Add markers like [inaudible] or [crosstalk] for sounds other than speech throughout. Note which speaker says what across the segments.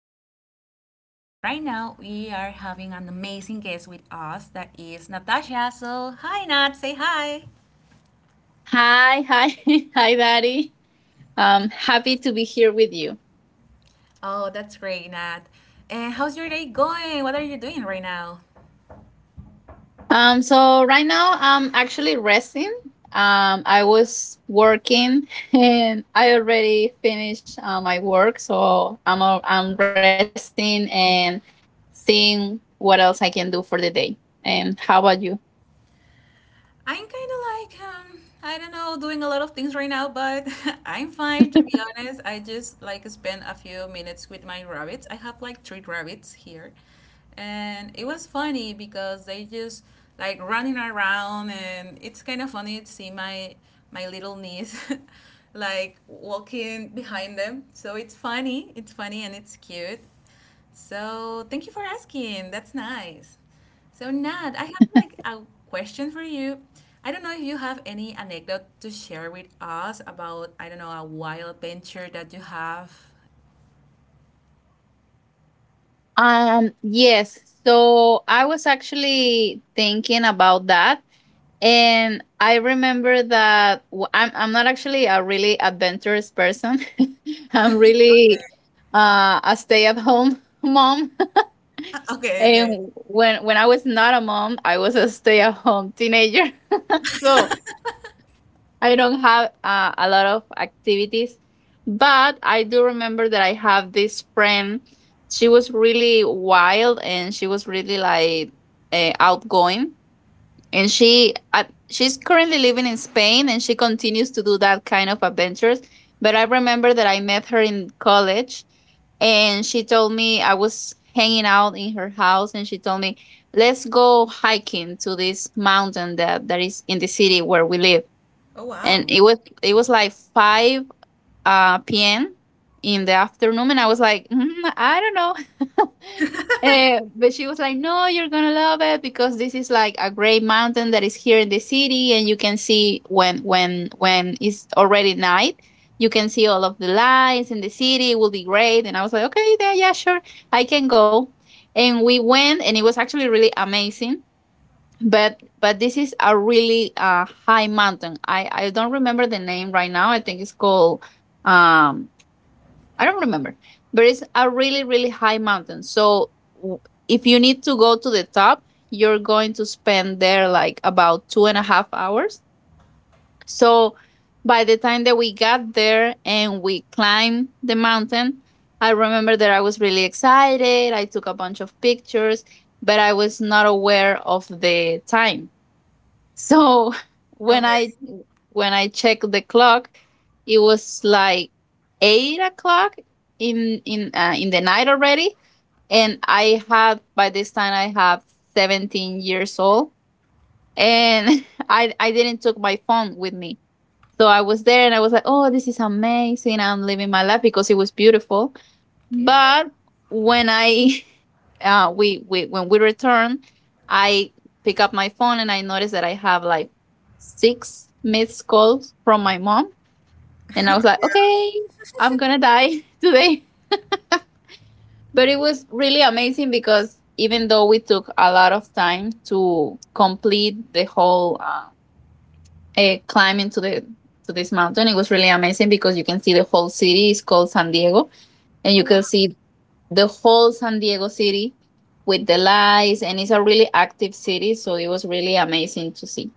Speaker 1: I am your host, and right now we are having an amazing guest with us that is Natasha. So, hi Nat, say hi.
Speaker 2: Hi, hi, [laughs] hi, Daddy. Happy to be here with you.
Speaker 1: Oh, that's great, Nat. And how's your day going? What are you doing right now?
Speaker 2: So right now I'm actually resting. I was working [laughs] and I already finished my work, so I'm resting and seeing what else I can do for the day. And how about you?
Speaker 1: I'm kind of like, I don't know, doing a lot of things right now, but [laughs] I'm fine to be honest. I just like spent a few minutes with my rabbits. I have like three rabbits here. And it was funny because they just like running around and it's kind of funny to see my little niece [laughs] like walking behind them. So it's funny and it's cute. So thank you for asking. That's nice. So Nat, I have like a question for you. I don't know if you have any anecdote to share with us about, I don't know, a wild venture that you have.
Speaker 2: Yes. So I was actually thinking about that. And I remember that I'm not actually a really adventurous person. [laughs] I'm really a stay-at-home [laughs] mom. [laughs]
Speaker 1: Ah, [laughs] okay, okay.
Speaker 2: And when I was not a mom, I was a stay-at-home teenager. [laughs] So I don't have a lot of activities. But I do remember that I have this friend. She was really wild and she was really like outgoing and she's currently living in Spain and she continues to do that kind of adventures, but I remember that I met her in college, and she told me, I was hanging out in her house and she told me, let's go hiking to this mountain that is in the city where we live.
Speaker 1: Oh
Speaker 2: And
Speaker 1: wow.
Speaker 2: it was like five p.m. in the afternoon, and I was like, "Mm, I don't know." [laughs] Eh, but she was like, "No, you're gonna love it because this is like a great mountain that is here in the city, and you can see when when it's already night. You can see all of the lights in the city. It will be great." And I was like, "Okay, yeah, yeah, sure, I can go." And we went, and it was actually really amazing, but this is a really high mountain. I don't remember the name right now. I think it's called um I don't remember, but it's a really high mountain. So, w- if you need to go to the top, you're going to spend there like about two and a half hours. So, by the time that we got there and we climbed the mountain, I remember that I was really excited. I took a bunch of pictures, but I was not aware of the time. So, [laughs] when I
Speaker 1: Okay.
Speaker 2: when I checked the clock, it was like 8 o'clock in the night already. And I had, by this time I have 17 years old, and [laughs] I didn't took my phone with me. So I was there and I was like, oh, this is amazing. I'm living my life because it was beautiful.
Speaker 1: Yeah.
Speaker 2: But when I [laughs] we when we return, I pick up my phone and I notice that I have like 6 missed calls from my mom,
Speaker 1: [laughs]
Speaker 2: and I was like,
Speaker 1: Yeah.
Speaker 2: okay, I'm gonna die [laughs] today. But it was really amazing because even though we took a lot of time to complete the whole climb into the to this mountain, it was really amazing because you can see the whole city. It's called San Diego, and you
Speaker 1: Oh wow.
Speaker 2: can see the whole San Diego city with the lights, and it's a really active city, so it was really amazing to see.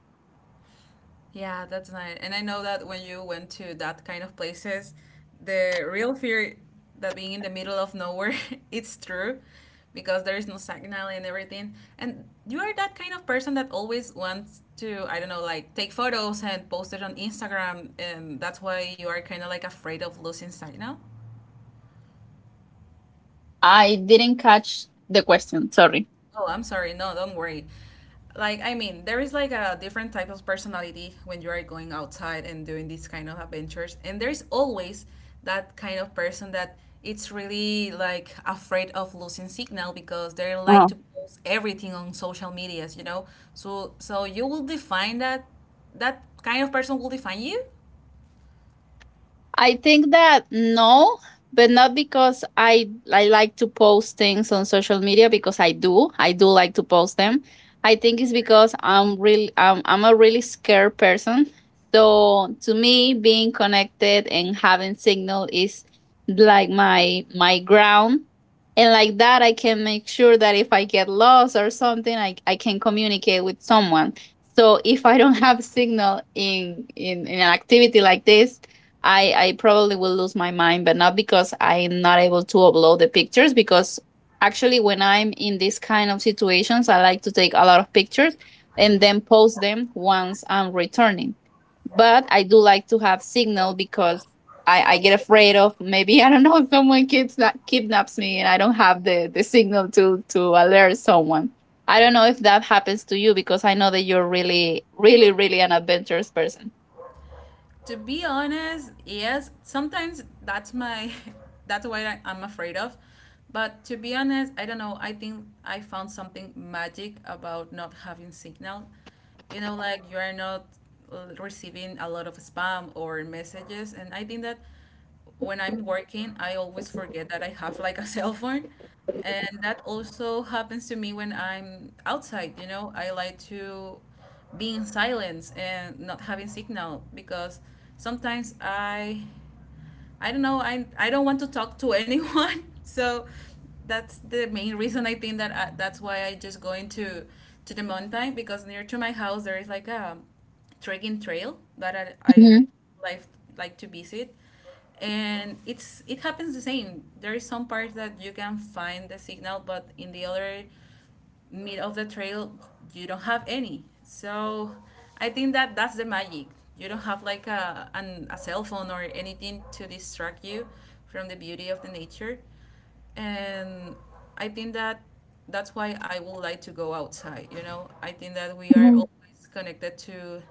Speaker 1: Yeah, that's nice. And I know that when you went to that kind of places, the real fear that being in the middle of nowhere, [laughs] it's true because there is no signal and everything. And you are that kind of person that always wants to, I don't know, like take photos and post it on Instagram. And that's why you are kind of like afraid of losing signal.
Speaker 2: I didn't catch the question, sorry.
Speaker 1: Oh, I'm sorry. No, don't worry. Like, I mean, there is like a different type of personality when you are going outside and doing these kind of adventures. And there is always that kind of person that it's really like afraid of losing signal because they like to post everything on social medias, you know? So you will define that that kind of person will define you.
Speaker 2: I think that no, but not because I like to post things on social media, because I do. I do like to post them. I think it's because I'm a really scared person. So to me, being connected and having signal is like my ground. And like that, I can make sure that if I get lost or something, I can communicate with someone. So if I don't [laughs] have signal in an activity like this, I probably will lose my mind, but not because I'm not able to upload the pictures, because actually when I'm in these kind of situations, I like to take a lot of pictures and then post them once I'm returning. But I do like to have signal because I get afraid of maybe [laughs] I don't know if someone kidnaps me and I don't have the signal to alert someone. I don't know if that happens to you because I know that you're really, really, really an adventurous person.
Speaker 1: To be honest, yes, sometimes that's my [laughs] that's what I'm afraid of. But to be honest, I don't know. I think I found something magic about not having signal. You know, like you are not receiving a lot of spam or messages, and I think that when I'm working, I always forget that I have like a [laughs] cell phone. And that also happens to me when I'm outside, you know? I like to be in silence and not having signal because sometimes I don't know. I don't want to talk to anyone. [laughs] So that's the main reason I think that that's why I just go into to the mountain because near to my house there is like a trekking trail that I
Speaker 2: Mhm,
Speaker 1: like like to visit, and it's it happens the same. There is some parts that you can find the signal, but in the other mid of the trail you don't have any. So I think that that's the magic. You don't have like a cell phone or anything to distract you from the beauty of the nature. And I think that that's why I would like to go outside, you know? I think that we are
Speaker 2: mhm.
Speaker 1: always connected to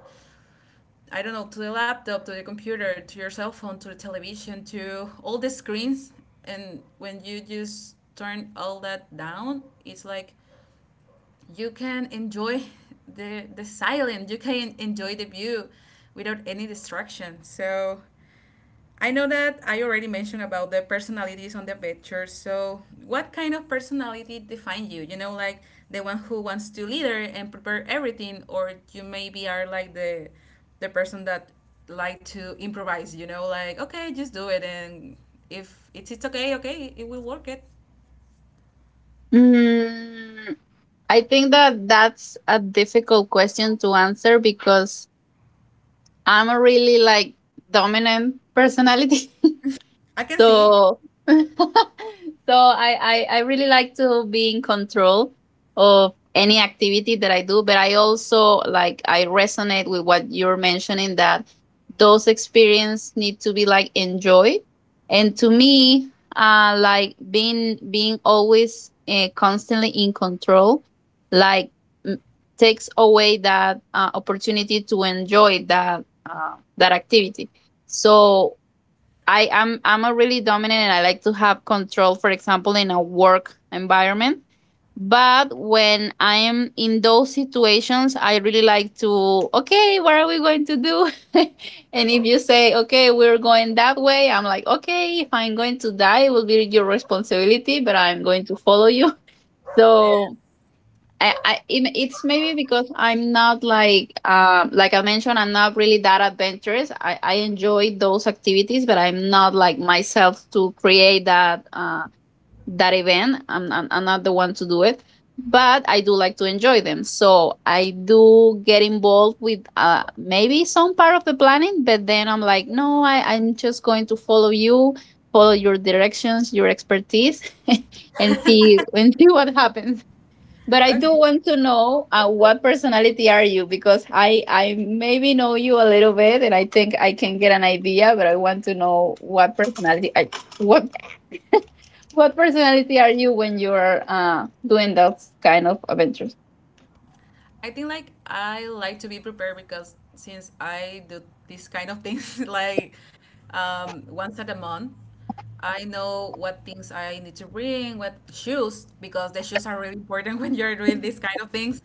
Speaker 1: I don't know, to the laptop, to the computer, to your cell phone, to the television, to all the screens. And when you just turn all that down, it's like you can enjoy the silence, you can enjoy the view without any distraction. So I know that I already mentioned about the personalities on the picture. So what kind of personality define you, you know? Like the one who wants to leader and prepare everything, or you maybe are like the person that like to improvise, you know? Like, okay, just do it, and if it's okay, okay, it will work it.
Speaker 2: Mm, I think that that's a difficult question to answer because I'm a really like dominant personality. [laughs]
Speaker 1: I can see.
Speaker 2: So, [laughs] so I really like to be in control of any activity that I do, but I also like, I resonate with what you're mentioning, that those experiences need to be like enjoyed. And to me, like being always constantly in control, like, m- takes away that opportunity to enjoy that that activity. So, I am I'm a really dominant and I like to have control, for example, in a work environment. But when I am in those situations, I really like to, okay, what are we going to do? [laughs] And if you say, okay, we're going that way, I'm like, okay, if I'm going to die, it will be your responsibility, but I'm going to follow you. [laughs]
Speaker 1: Yeah,
Speaker 2: So it's maybe because I'm not like like I mentioned, I'm not really that adventurous. I enjoy those activities, but I'm not like myself to create that that event. I'm not the one to do it, but I do like to enjoy them. So I do get involved with maybe some part of the planning, but then I'm like, no, I'm just going to follow you, follow your directions, your expertise, [laughs] and see what happens. But I do
Speaker 1: okay.
Speaker 2: want to know what personality are you, because I maybe know you a little bit and I think I can get an idea, but I want to know what what what personality are you when you're doing those kind of adventures?
Speaker 1: I think like I like to be prepared because since I do this kind of things [laughs] like once at a month, I know what things I need to bring, what shoes, because the shoes are really important [laughs] when you're doing these kind of things.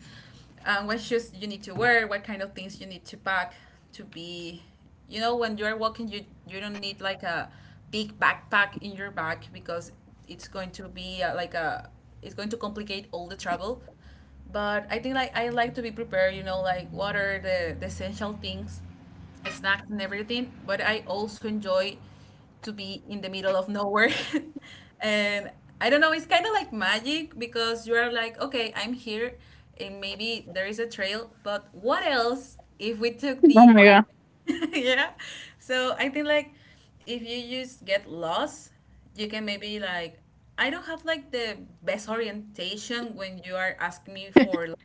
Speaker 1: What shoes you need to wear, what kind of things you need to pack to be, you know, when you are walking, you don't need like a big backpack in your back because it's going to be like a it's going to complicate all the travel. But I think like I like to be prepared. You know, like what are the essential things, snacks and everything. But I also enjoy to be in the middle of nowhere. [laughs] And I don't know, it's kind of like magic because you are like, okay, I'm here, and maybe there is a trail, but what else if we took
Speaker 2: Oh
Speaker 1: the
Speaker 2: my
Speaker 1: other
Speaker 2: god.
Speaker 1: way? [laughs] Yeah. So I think like if you just get lost, you can maybe like I don't have like the best orientation. When you are asking me for like,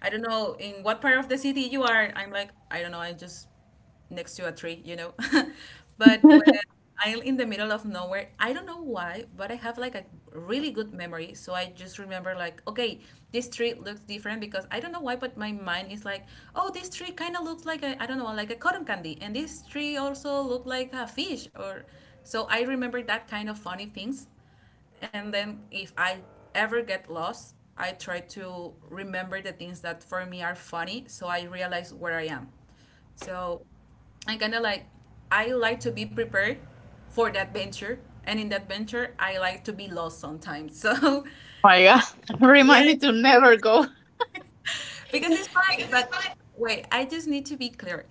Speaker 1: I don't know in what part of the city you are, I'm like, I don't know, I just next to a tree, you know. [laughs] But when
Speaker 2: [laughs]
Speaker 1: I'm in the middle of nowhere, I don't know why, but I have like a really good memory. So I just remember like, okay, this tree looks different because I don't know why, but my mind is like, oh, this tree kind of looks like a, I don't know, like a cotton candy, and this tree also looked like a fish, or so I remember that kind of funny things. And then if I ever get lost, I try to remember the things that for me are funny, so I realize where I am. So I kind of like I like to be prepared for that venture, and in that venture, I like to be lost sometimes. [laughs] So
Speaker 2: Oh my god. [laughs] Remind
Speaker 1: yeah,
Speaker 2: me to never go.
Speaker 1: because it's fun. But wait, I just need to be clear.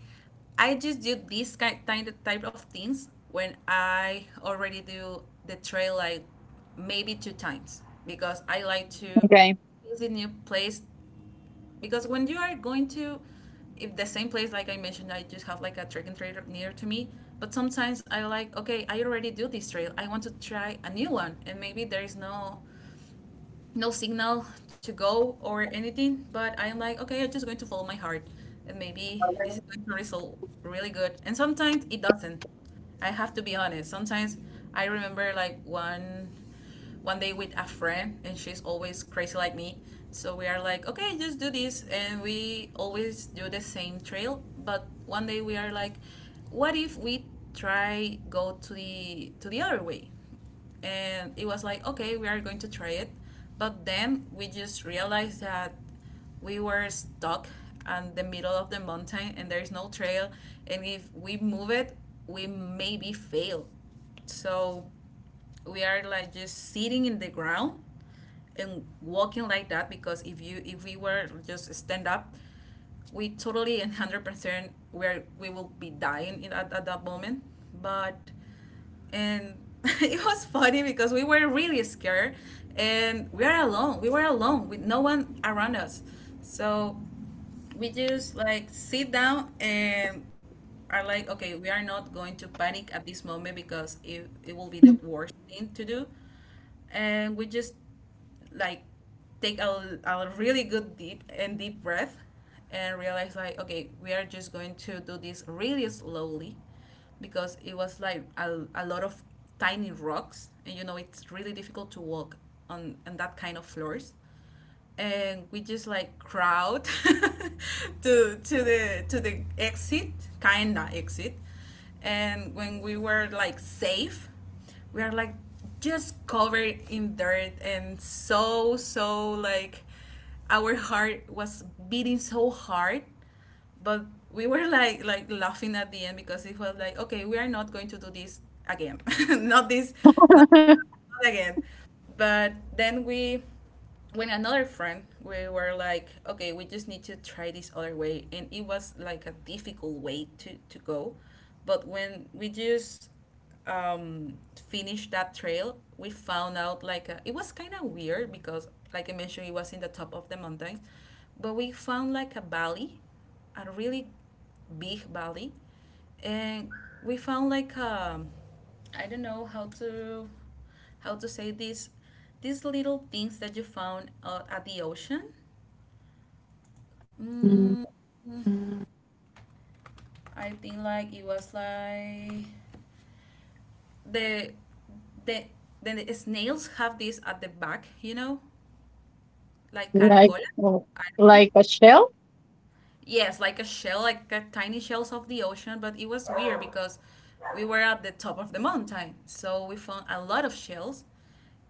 Speaker 1: I just do these kind of type of things when I already do the trail like maybe two times, because I like to
Speaker 2: Okay.
Speaker 1: visit new place. Because when you are going to if the same place, like I mentioned, I just have like a track and trail near to me. But sometimes I like, okay, I already do this trail, I want to try a new one, and maybe there is no no signal to go or anything, but I'm like, okay, I'm just going to follow my heart, and maybe this is going to result really good, and sometimes it doesn't. I have to be honest, sometimes I remember like one day with a friend, and she's always crazy like me. So we are like, okay, just do this, and we always do the same trail. But one day we are like, what if we try go to the other way? And it was like, okay, we are going to try it. But then we just realized that we were stuck on the middle of the mountain, and there's no trail. And if we move it, we maybe fail. So we are like just sitting in the ground and walking like that, because if you if we were just stand up, we totally and 100% where we will be dying at that moment. But and [laughs] it was funny because we were really scared, and we were alone with no one around us. So we just like sit down and are like, okay, we are not going to panic at this moment, because it will be the worst thing to do. And we just like take a really good deep and deep breath, and realize like, okay, we are just going to do this really slowly, because it was like a lot of tiny rocks, and you know it's really difficult to walk on that kind of floors. And we just like crowd [laughs] to the exit, kinda exit. And when we were like safe, we are like just covered in dirt, and so like our heart was beating so hard. But we were like laughing at the end, because it was like, okay, we are not going to do this again. [laughs] Not this, not, not again. But then we when another friend, we were like, okay, we just need to try this other way, and it was like a difficult way to go. But when we just um, finished that trail, we found out like a, it was kind of weird because like I mentioned, it was in the top of the mountains, but we found like a valley, a really big valley. And we found like I don't know how to say this these little things that you found at the ocean. Mm,
Speaker 2: Do
Speaker 1: I think like it was like the the the snails have this at the back, you know, like caracola. I don't know. Yes, like a shell, like a tiny shells of the ocean, but it was weird because we were at the top of the mountain, so we found a lot of shells.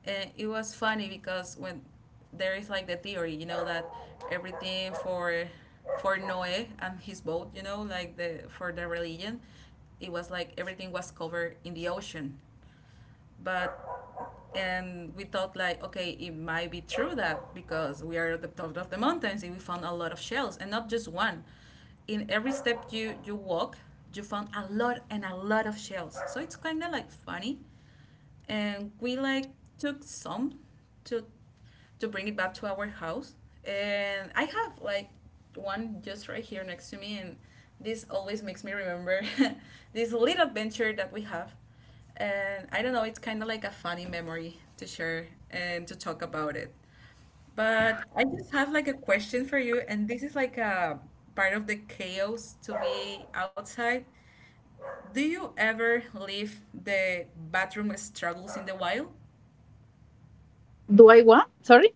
Speaker 1: And it was funny because when there is like the theory, you know, that everything for Noe and his boat, you know, like the for the religion, it was like everything was covered in the ocean, but and we thought like okay it might be true that because we are at the top of the mountains and we found a lot of shells and not just one in every step you walk you found a lot and a lot of shells so it's kind of like funny and we like took some to to bring it back to our house. And I have like one just right here next to me, and this always makes me remember [laughs] this little adventure that we have. And I don't know, it's kind of like a funny memory to share and to talk about it. But I just have like a question for you, and this is like a part of the chaos to be outside. Do you ever leave the bathroom struggles in the wild?
Speaker 2: I what? Sorry.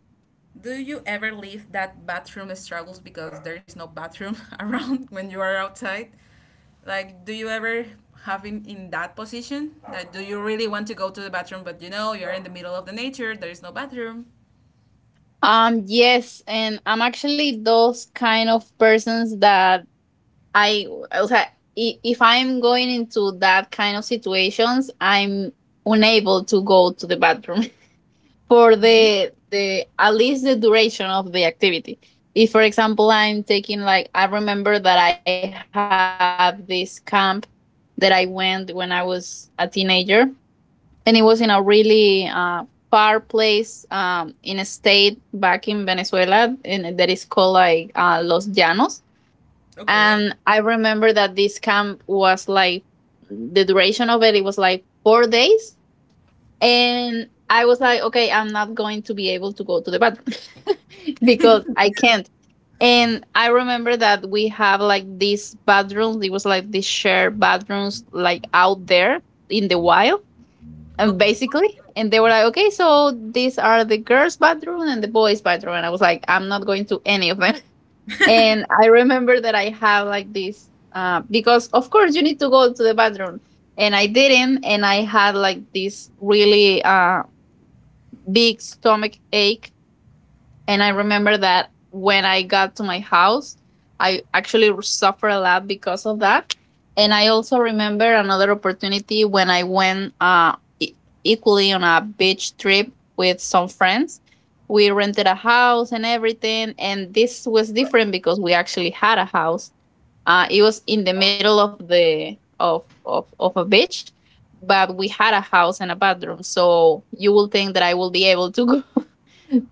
Speaker 1: Do you ever leave that bathroom struggles because there is no bathroom [laughs] around when you are outside? Like, do you ever have him in that position? Like, do you really want to go to the bathroom, but you know you're in the middle of the nature, there is no bathroom?
Speaker 2: Um, yes, and I'm actually those kind of persons that I o sea, I- if I'm going into that kind of situations, I'm unable to go to the bathroom [laughs] for
Speaker 1: Yeah.
Speaker 2: the at least the duration of the activity. If for example I'm taking like, I remember that I have this camp that I went when I was a teenager, and it was in a really far place, in a state back in Venezuela, and that is called like Los Llanos.
Speaker 1: Okay.
Speaker 2: And I remember that this camp was like the duration of it was like 4 days. And I was like, okay, I'm not going to be able to go to the bathroom [laughs] because I
Speaker 1: [laughs]
Speaker 2: can't. And I remember that we have like these bathrooms, it was like these shared bathrooms like out there in the wild. And
Speaker 1: Oh,
Speaker 2: basically, and they were like, okay, so these are the girls' bathroom and the boys' bathroom. And I was like, I'm not going to any of them. And I remember that I have like this because of course you need to go to the bathroom, and I didn't, and I had like this really big stomach ache. And I remember that when I got to my house, I actually suffered a lot because of that. And I also remember another opportunity when I went equally on a beach trip with some friends. We rented a house and everything. And this was different because we actually had a house. It was in the middle of of a beach, but we had a house and a bathroom. So you will think that I will be able to [laughs] go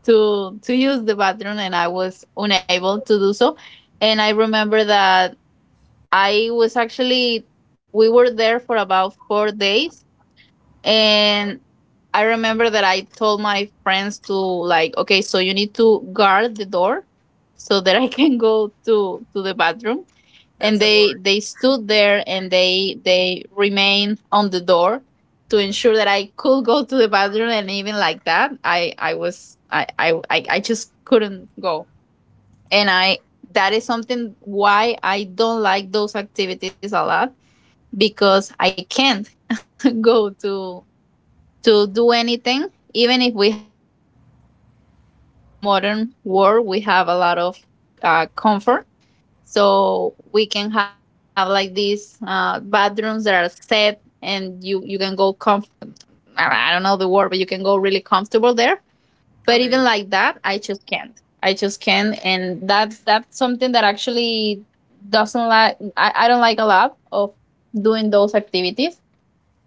Speaker 2: to use the bathroom, and I was unable to do so. And I remember that I was actually we were there for about 4 days, and I remember that I told my friends, to like, okay, so you need to guard the door so that I can go to the bathroom.
Speaker 1: that's a
Speaker 2: And
Speaker 1: word.
Speaker 2: they stood there and they remained on the door to ensure that I could go to the bathroom. And even like that, I was I just couldn't go. And I that is something why I don't like those activities a lot, because I can't [laughs] go to do anything, even if we have, like, because I know right now with the modern world we have a lot of comfort. So we can have like these bathrooms that are set, and you can go comf, I don't know the word, but you can go really comfortable there. But even
Speaker 1: Okay,
Speaker 2: like
Speaker 1: okay.
Speaker 2: that, I just can't, I just can't. And that's something that actually doesn't like, I don't like a lot of doing those activities.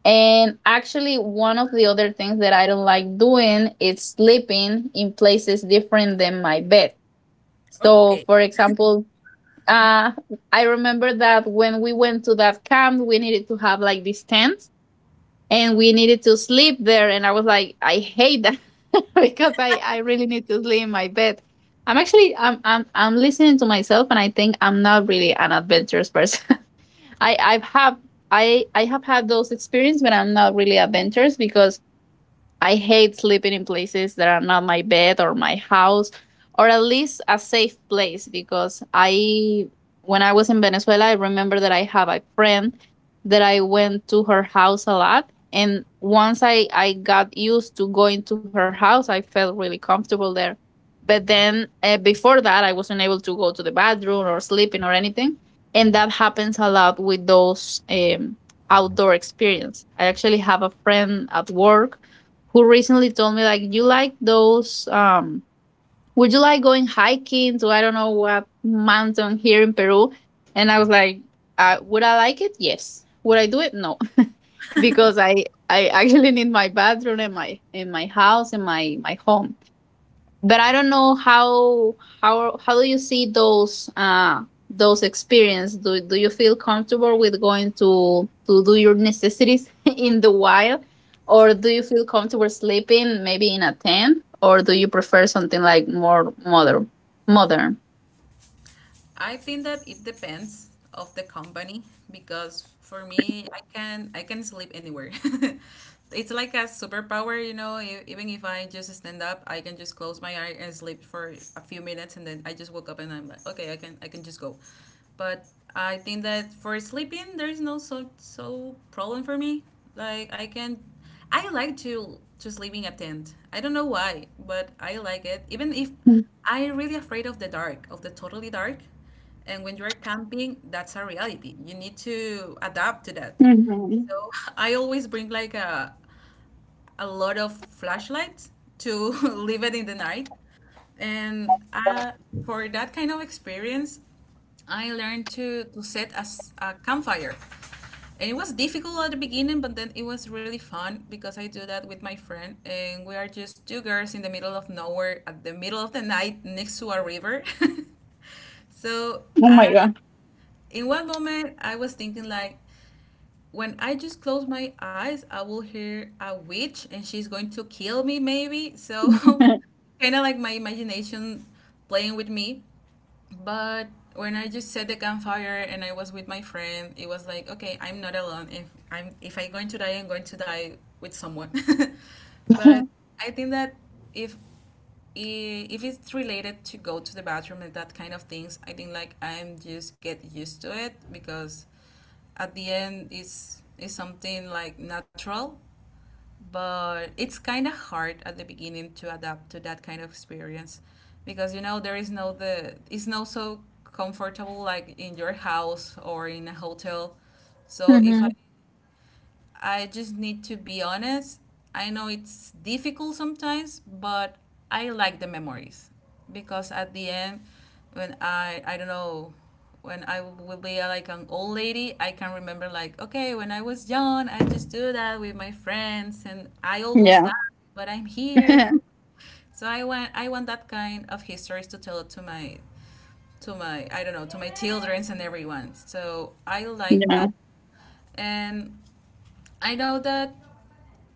Speaker 2: And actually one of the other things that I don't like doing is sleeping in places different than my bed. So
Speaker 1: Okay.
Speaker 2: for example, uh I remember that when we went to that camp, we needed have like these tents, and we needed to sleep there. And I was like, I hate that, [laughs] because I really need to sleep in my bed. I'm listening to myself and I think I'm not really an adventurous person. [laughs] I I've have I have had those experiences, but I'm not really adventurous, because I hate sleeping in places that are not my bed or my house, or at least a safe place. Because I, when I was in Venezuela, I remember that I have a friend that I went to her house a lot. And once I got used to going to her house, I felt really comfortable there. But then before that, I wasn't able to go to the bathroom or sleeping or anything. And that happens a lot with those outdoor experience. I actually have a friend at work who recently told me, like, you like those would you like going hiking to I don't know what mountain here in Peru? And I was like, would I like it? Yes. Would I do it? No. [laughs] Because I actually need my bathroom, in my in my house, in my home. But I don't know how, how do you see those experience, do you feel comfortable with going to do your necessities [laughs] in the wild? Or do you feel comfortable sleeping maybe in a tent? Or do you prefer something like more modern?
Speaker 1: I think that it depends of the company because for me, I can sleep anywhere. [laughs] It's like a superpower, you know. Even if I just stand up, I can just close my eye and sleep for a few minutes, and then I just woke up and I'm like, okay, I can just go. But I think that for sleeping, there is no so problem for me. Like I can, I like to sleep in a tent. I don't know why, but I like it. Even if I really afraid of the dark, of the totally dark. And when you're camping, that's a reality. You need to adapt to that.
Speaker 2: Mhm.
Speaker 1: So [laughs] I always bring like a lot of flashlights to [laughs] leave it in the night. And for that kind of experience, I learned to set a, a campfire. And it was difficult at the beginning, but then it was really fun because I do that with my friend. And we are just two girls in the middle of nowhere at the middle of the night next to a river. [laughs] So
Speaker 2: Oh my god.
Speaker 1: in one moment I was thinking like when I just close my eyes I will hear a witch and she's going to kill me maybe so [laughs] kind of
Speaker 2: [laughs]
Speaker 1: like my imagination playing with me but when I just set the campfire and I was with my friend it was like okay I'm not alone. If I'm going to die I'm going to die with someone. [laughs] But I think that if if it's related to go to the bathroom and that kind of things, I think like I'm just get used to it because at the end it's something like natural, but it's kind of hard at the beginning to adapt to that kind of experience because you know there is no the it's not so comfortable like in your house or in a hotel. So if I.
Speaker 2: Mhm.
Speaker 1: I just need to be honest. I know it's difficult sometimes, but I like the memories because at the end, when I don't know, when I will be like an old lady, I can remember like okay, when I was young, I just do that with my friends, and I almost
Speaker 2: Yeah.
Speaker 1: died, but I'm here.
Speaker 2: [laughs]
Speaker 1: [laughs] So I want that kind of histories to tell it to my I don't know to my childrens and everyone. So I like that,
Speaker 2: Yeah.
Speaker 1: and I know that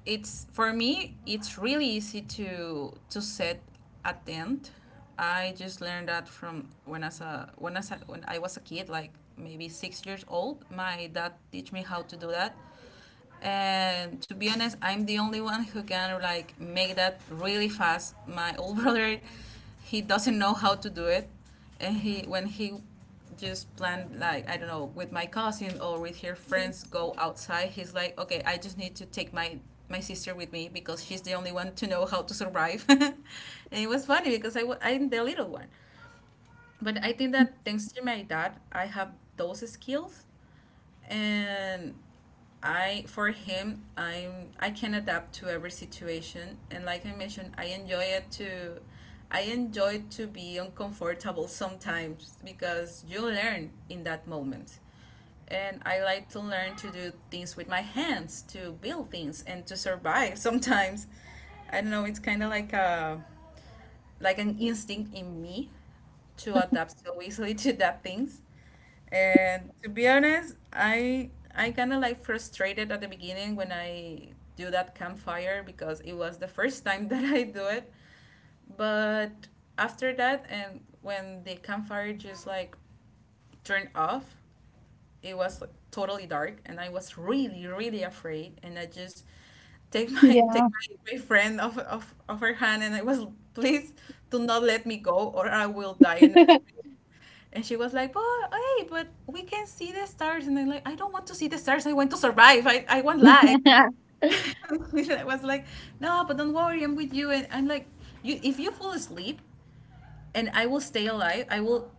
Speaker 1: it's for me it's really easy to set a tent. I just learned that from when I was a kid like maybe 6 years old my dad teach me how to do that and to be honest, I'm the only one who can like make that really fast. My old [laughs] brother, he doesn't know how to do it, and he when he just planned like I don't know with my cousin or with her friends go outside. He's like, okay, I just need to take my my sister with me because she's the only one to know how to survive. [laughs] And it was funny because I'm the little one, but I think that thanks to my dad, I have those skills, and I for him I'm I can adapt to every situation and like I mentioned I enjoy it to I enjoy to be uncomfortable sometimes because you learn in that moment. And I like to learn to do things with my hands, to build things and to survive [laughs] sometimes. I don't know, it's kind of like a like an instinct in me to adapt so easily [laughs] to that things and to be honest, I kind of like frustrated at the beginning when I do that campfire because it was the first time [laughs] that I do it. But after that, and when the campfire just like turned off, it was like, totally dark, and I was really really afraid, and I just take my [laughs] take
Speaker 2: Yeah.
Speaker 1: my, my friend off, off of her hand, and I was please do not let me go or I will die, and it's really
Speaker 2: [laughs]
Speaker 1: and she was like, but hey, but we can see the stars. And I'm like, I don't want to see the stars. I want to survive. I want life. [laughs] I was like, no, but don't worry. I'm with you. And I'm like, you, if you fall asleep and I will stay alive,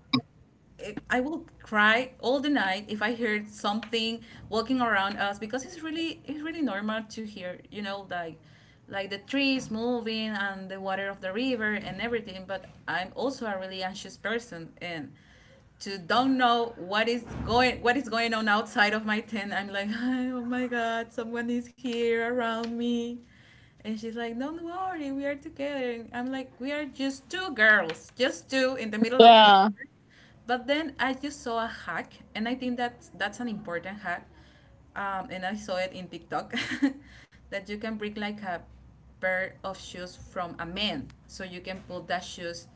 Speaker 1: eh, I will cry all the night if I hear something walking around us because it's really normal to hear, you know, like the trees moving and the water of the river and everything. But I'm also a really anxious person and to don't know what is going on outside of my tent. I'm like, [laughs] oh my god, someone is here around me. And she's like, don't worry, we are together. And I'm like, we are just two girls, just two in the middle of
Speaker 2: Yeah.
Speaker 1: nowhere. But then I just saw a hack, and I think that's an important hack. And I saw it in TikTok [laughs] that you can bring like a pair of shoes from a man, so you can put that shoes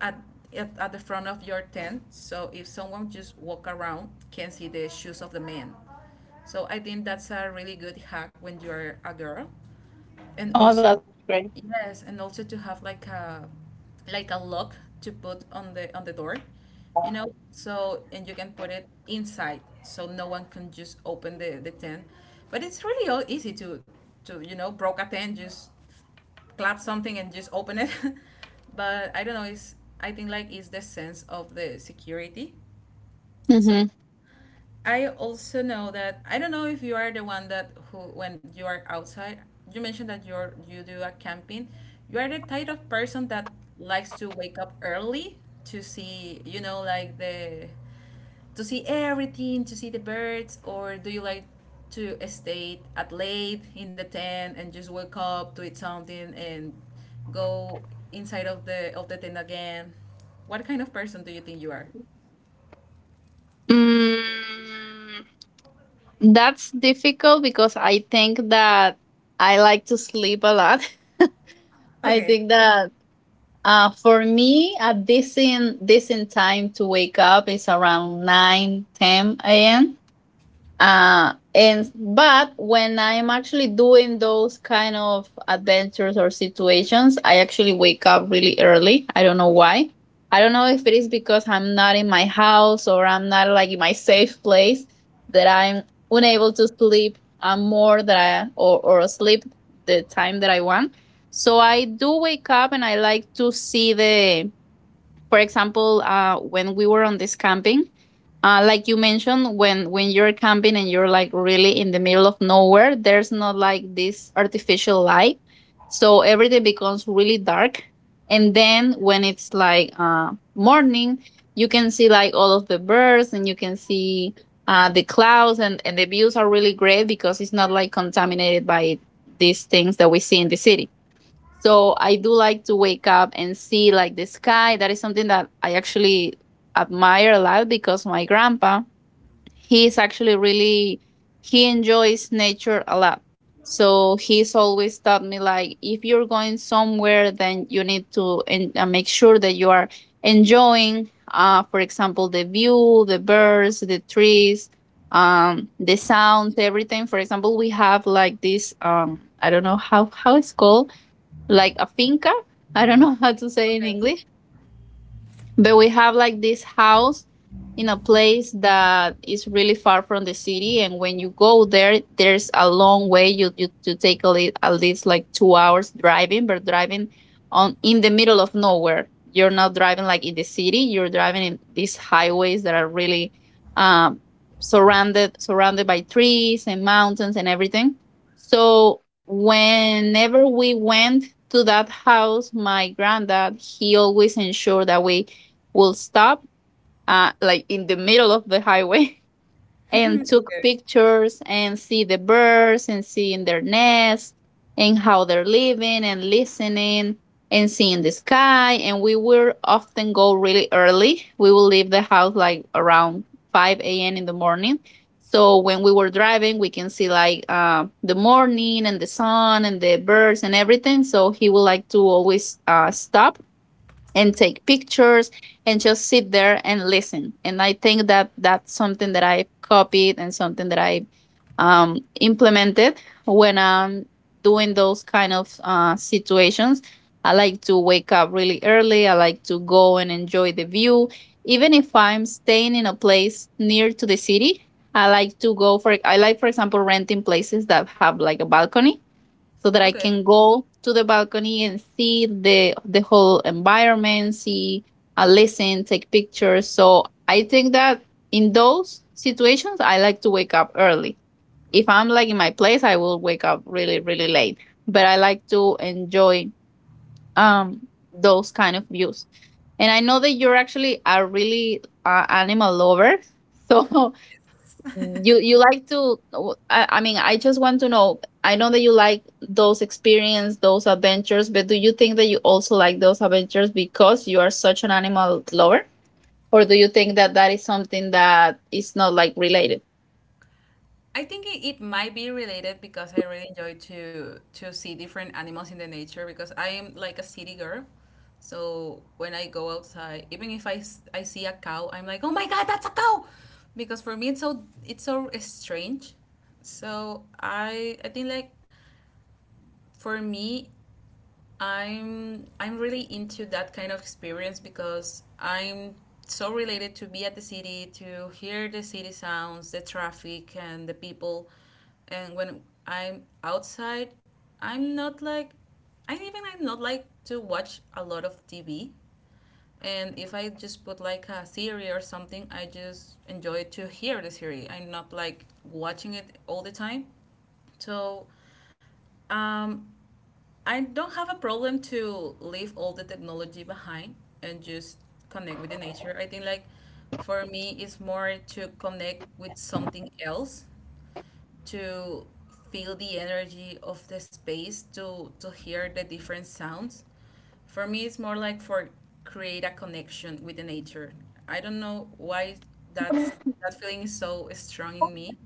Speaker 1: at, at the front of your tent, so if someone just walk around, can see the shoes of the man. So I think that's a really good hack when you are a girl, and
Speaker 2: Oh,
Speaker 1: also
Speaker 2: that's great.
Speaker 1: yes, and also to have like a lock to put on the door, you know. So and you can put it inside, so no one can just open the tent. But it's really all easy to you know broke a tent just clap something and just open it. [laughs] But I don't know it's I think like it's the sense of the security. So
Speaker 2: Hmm.
Speaker 1: I also know that I don't know if you are the one that who when you are outside you mentioned that you do a camping. You are the type of person that likes to wake up early to see you know like the to see everything, to see the birds, or do you like to stay at late in the tent and just wake up, to eat something, and go inside of the tent again? What kind of person do you think you are?
Speaker 2: Mm. That's difficult, because I think that I like to sleep a lot. [laughs] I
Speaker 1: Okay.
Speaker 2: think that for me, a decent time to wake up is around 9:10 a.m. And but when I'm actually doing those kind of adventures or situations, I actually wake up really early. I don't know why. I don't know if it is because I'm not in my house, or I'm not like in my safe place, that I'm unable to sleep more that I, or sleep the time that I want. So I do wake up and I like to see the, for example, when we were on this camping, like you mentioned, when you're camping and you're like really in the middle of nowhere, there's not like this artificial light, so everything becomes really dark. And then when it's like morning, you can see like all of the birds, and you can see the clouds, and the views are really great, because it's not like contaminated by these things that we see in the city. So I do like to wake up and see like the sky. That is something that I actually admire a lot, because my grandpa, he is actually really, he enjoys nature a lot. So he's always taught me, like, if you're going somewhere, then you need to en-, make sure that you are enjoying, for example, the view, the birds, the trees, the sound, everything. For example, we have like this I don't know how it's called, like a finca. I don't know [laughs] how to say in
Speaker 1: Okay. [laughs]
Speaker 2: English. But we have like this house in a place that is really far from the city, and when you go there, there's a long way. You take a li-, at least like 2 hours driving, but driving on in the middle of nowhere. You're not driving like in the city. You're driving in these highways that are really um, surrounded by trees and mountains and everything. So whenever we went to that house, my granddad, he always ensured that we will stop like in the middle of the highway [laughs] and took
Speaker 1: Okay.
Speaker 2: pictures, and see the birds, and seeing their nest and how they're living, and listening, and seeing the sky. And we will often go really early, we will leave the house like around 5 a.m in the morning, so when we were driving we can see like the morning and the sun and the birds and everything. So he would like to always stop and take pictures and just sit there and listen. And I think that that's something that I've copied and something that I implemented when I'm doing those kind of situations. I like to wake up really early. I like to go and enjoy the view. Even if I'm staying in a place near to the city, I like to go for, I like, for example, renting places that have like a balcony, so that I
Speaker 1: Okay.
Speaker 2: can go to the balcony and see the whole environment, see, listen, take pictures. So I think that in those situations, I like to wake up early. If I'm like in my place, I will wake up really really late. But I like to enjoy um those kind of views. And I know that you're actually a really animal lover, [laughs] so, mm, you like to w-, I mean, I just want to know, I know that you like those experience, those adventures, but do you think that you also like those adventures because you are such an animal lover? Or do you think that that is something that is not like related?
Speaker 1: I think it might be related because I really enjoy to see different animals in the nature because I am like a city girl. So when I go outside, even if I see a cow, I'm like, "Oh my God, that's a cow!" Because for me it's so strange. So I think like for me I'm really into that kind of experience because I'm so related to be at the city, to hear the city sounds, the traffic and the people. And when I'm outside, I'm not like I even I'm not like to watch a lot of TV. And if I just put like a series or something, I just enjoy to hear the series. I'm not like watching it all the time. So um, I don't have a problem to leave all the technology behind and just connect with the nature. I think like for me it's more to connect with something else, to feel the energy of the space, to hear the different sounds. For me it's more like for create a connection with the nature. I don't know why that's that feeling is so strong in me,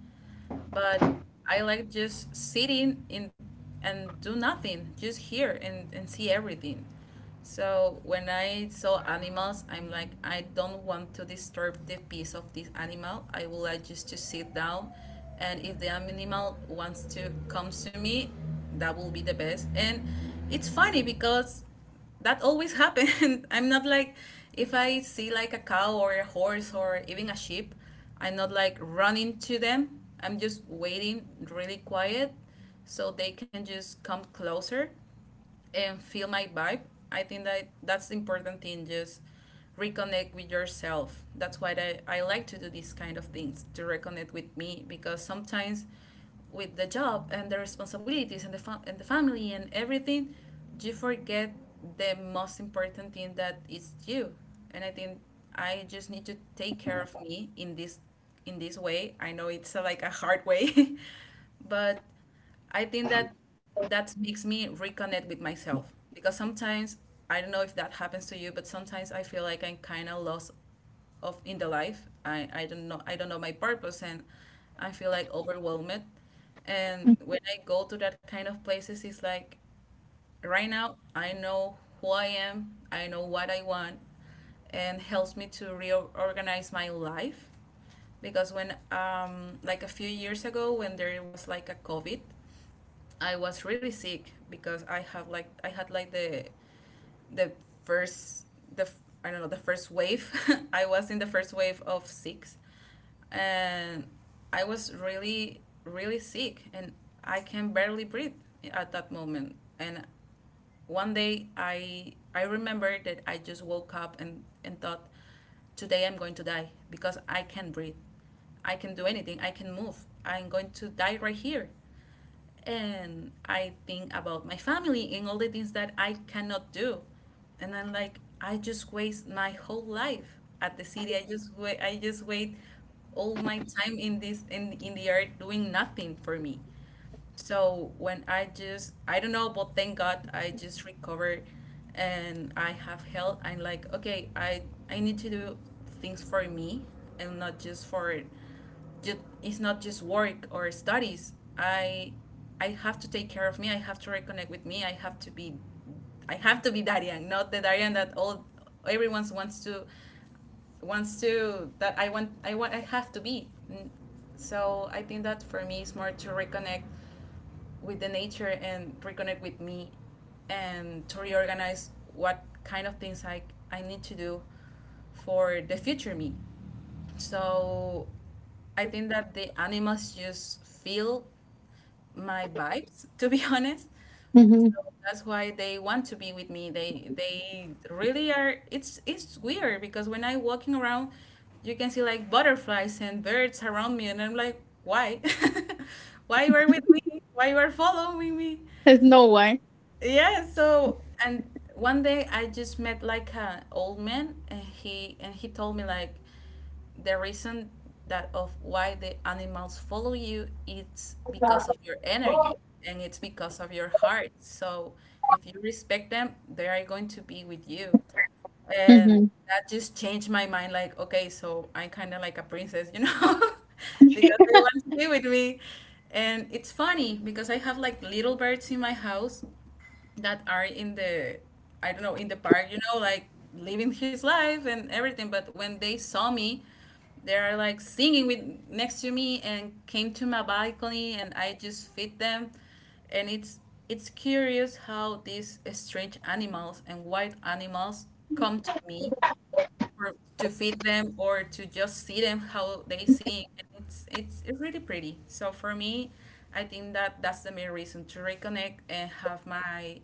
Speaker 1: but I like just sitting in and do nothing, just here and see everything. So when I saw animals, I'm like, I don't want to disturb the peace of this animal. I would like just to sit down, and if the animal wants to come to me, that will be the best. And it's funny because that always happened. [laughs] I'm not like if I see like a cow or a horse or even a sheep, I'm not like running to them. I'm just waiting really quiet so they can just come closer and feel my vibe. I think that that's the important thing. Just reconnect with yourself. That's why I like to do these kind of things to reconnect with me because sometimes with the job and the responsibilities and the family and everything, you forget the most important thing that is you. And I think I just need to take care of me in this way. I know it's a, like a hard way, [laughs] but I think that that makes me reconnect with myself because sometimes I don't know if that happens to you, but sometimes I feel like I'm kind of lost of in the life. I don't know I don't know my purpose and I feel like overwhelmed. And when I go to that kind of places, it's like right now I know who I am, I know what I want, and helps me to reorganize my life because when like a few years ago when there was like a COVID I was really sick because I have like I had like the first the I don't know the first wave. [laughs] I was in the first wave of six, and I was really really sick, and I can barely breathe at that moment. And one day I remember that I just woke up and thought, today I'm going to die because I can't breathe. I can do anything. I can move. I'm going to die right here and I think about my family and all the things that I cannot do. And I'm like, I just waste my whole life at the city. I just wait. I just wait all my time in this in the earth doing nothing for me. So when I just, I don't know, but thank God I just recovered and I have health. I'm like, okay, I need to do things for me and not just for, just it's not just work or studies. I I have to take care of me. I have to reconnect with me. I have to be, I have to be Darian, not the Darian that all everyone wants to that I want I want I have to be. So I think that for me is more to reconnect with the nature and reconnect with me and to reorganize what kind of things I need to do for the future me. So I think that the animals just feel my vibes, to be [laughs] honest.
Speaker 2: Hmm.
Speaker 1: So that's why they want to be with me. They really are. It's weird because when I walking around, you can see like butterflies and birds around me, and I'm like, why, [laughs] why you are with me? Why you are following me?
Speaker 2: [laughs] There's no way.
Speaker 1: Yeah. So and one day I just met like a old man, and he told me like the reason that of why the animals follow you it's because of your energy and it's because of your heart, so if you respect them they are going to be with you. And
Speaker 2: Hmm.
Speaker 1: that just changed my mind, like, okay, so I'm kind of like a princess, you know. [laughs] Because they want to be with me. And it's funny because I have like little birds in my house that are in the I don't know in the park, you know, like living his life and everything. But when they saw me, they are like singing with next to me and came to my balcony and I just feed them, and it's curious how these strange animals and wild animals come to me for, to feed them or to just see them how they sing, and it's really pretty. So for me I think that that's the main reason to reconnect and have my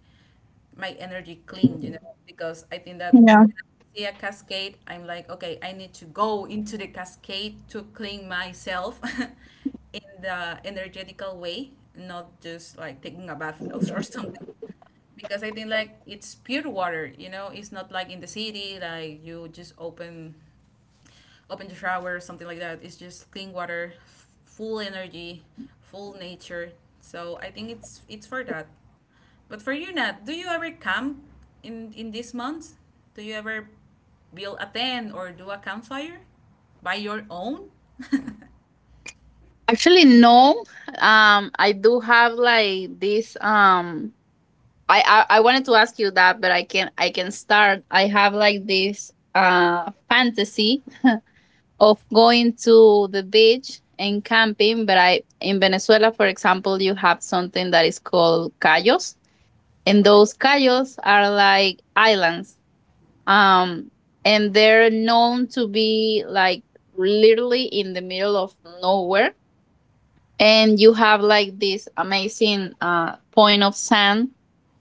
Speaker 1: my energy clean, you know, because I think that
Speaker 2: Yeah.
Speaker 1: when I see a cascade, I'm like, okay, I need to go into the cascade to clean myself [laughs] in the energetical way, not just like taking a bath or something. Because I think like it's pure water, you know, it's not like in the city, like you just open the shower, something like that. It's just clean water, full energy, full nature. So I think it's for that. But for you, Nat, do you ever camp in these months? Do you ever build a tent or do a campfire by your own? [laughs]
Speaker 2: Actually no. I do have like this I wanted to ask you that, but I can start. I have like this fantasy of going to the beach and camping. But I in Venezuela, for example, you have something that is called cayos. And
Speaker 1: Okay.
Speaker 2: those cayos are like islands. um and they're known to be like literally in the middle of nowhere. And you have like this amazing point of sand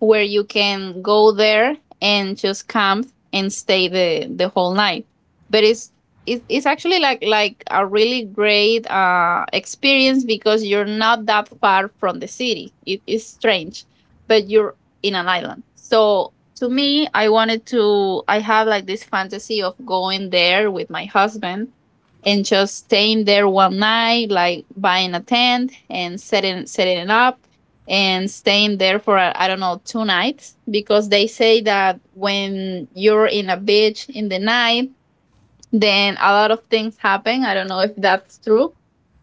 Speaker 2: where you can go there and just camp and stay the whole night. But it's, it's actually like a really great experience, because you're not that far from the city, it is strange, but you're in an island. So to me, I wanted to, I have like this fantasy of going there with my husband and just staying there one night, like buying a tent and setting it up and staying there for I don't know, two nights. Because they say that when you're in a beach in the night, then a lot of things happen. I don't know if that's true,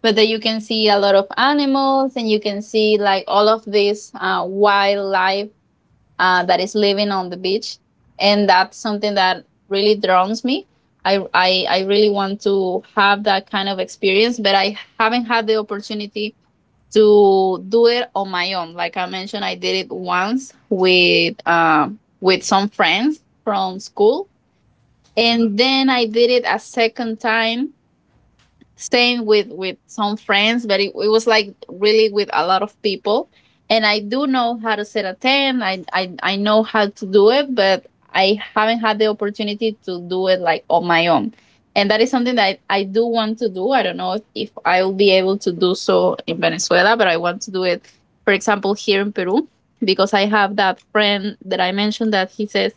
Speaker 2: but that you can see a lot of animals, and you can see like all of this wildlife that is living on the beach, and that's something that really drowns me. I really want to have that kind of experience, but I haven't had the opportunity to do it on my own. Like I mentioned, I did it once with some friends from school, and then I did it a second time staying with some friends, but it was like really with a lot of people. And I do know how to set a tent. I know how to do it, but I haven't had the opportunity to do it like on my own. And that is something that I do want to do. I don't know if I'll be able to do so in Venezuela, but I want to do it, for example, here in Peru, because I have that friend that I mentioned that he says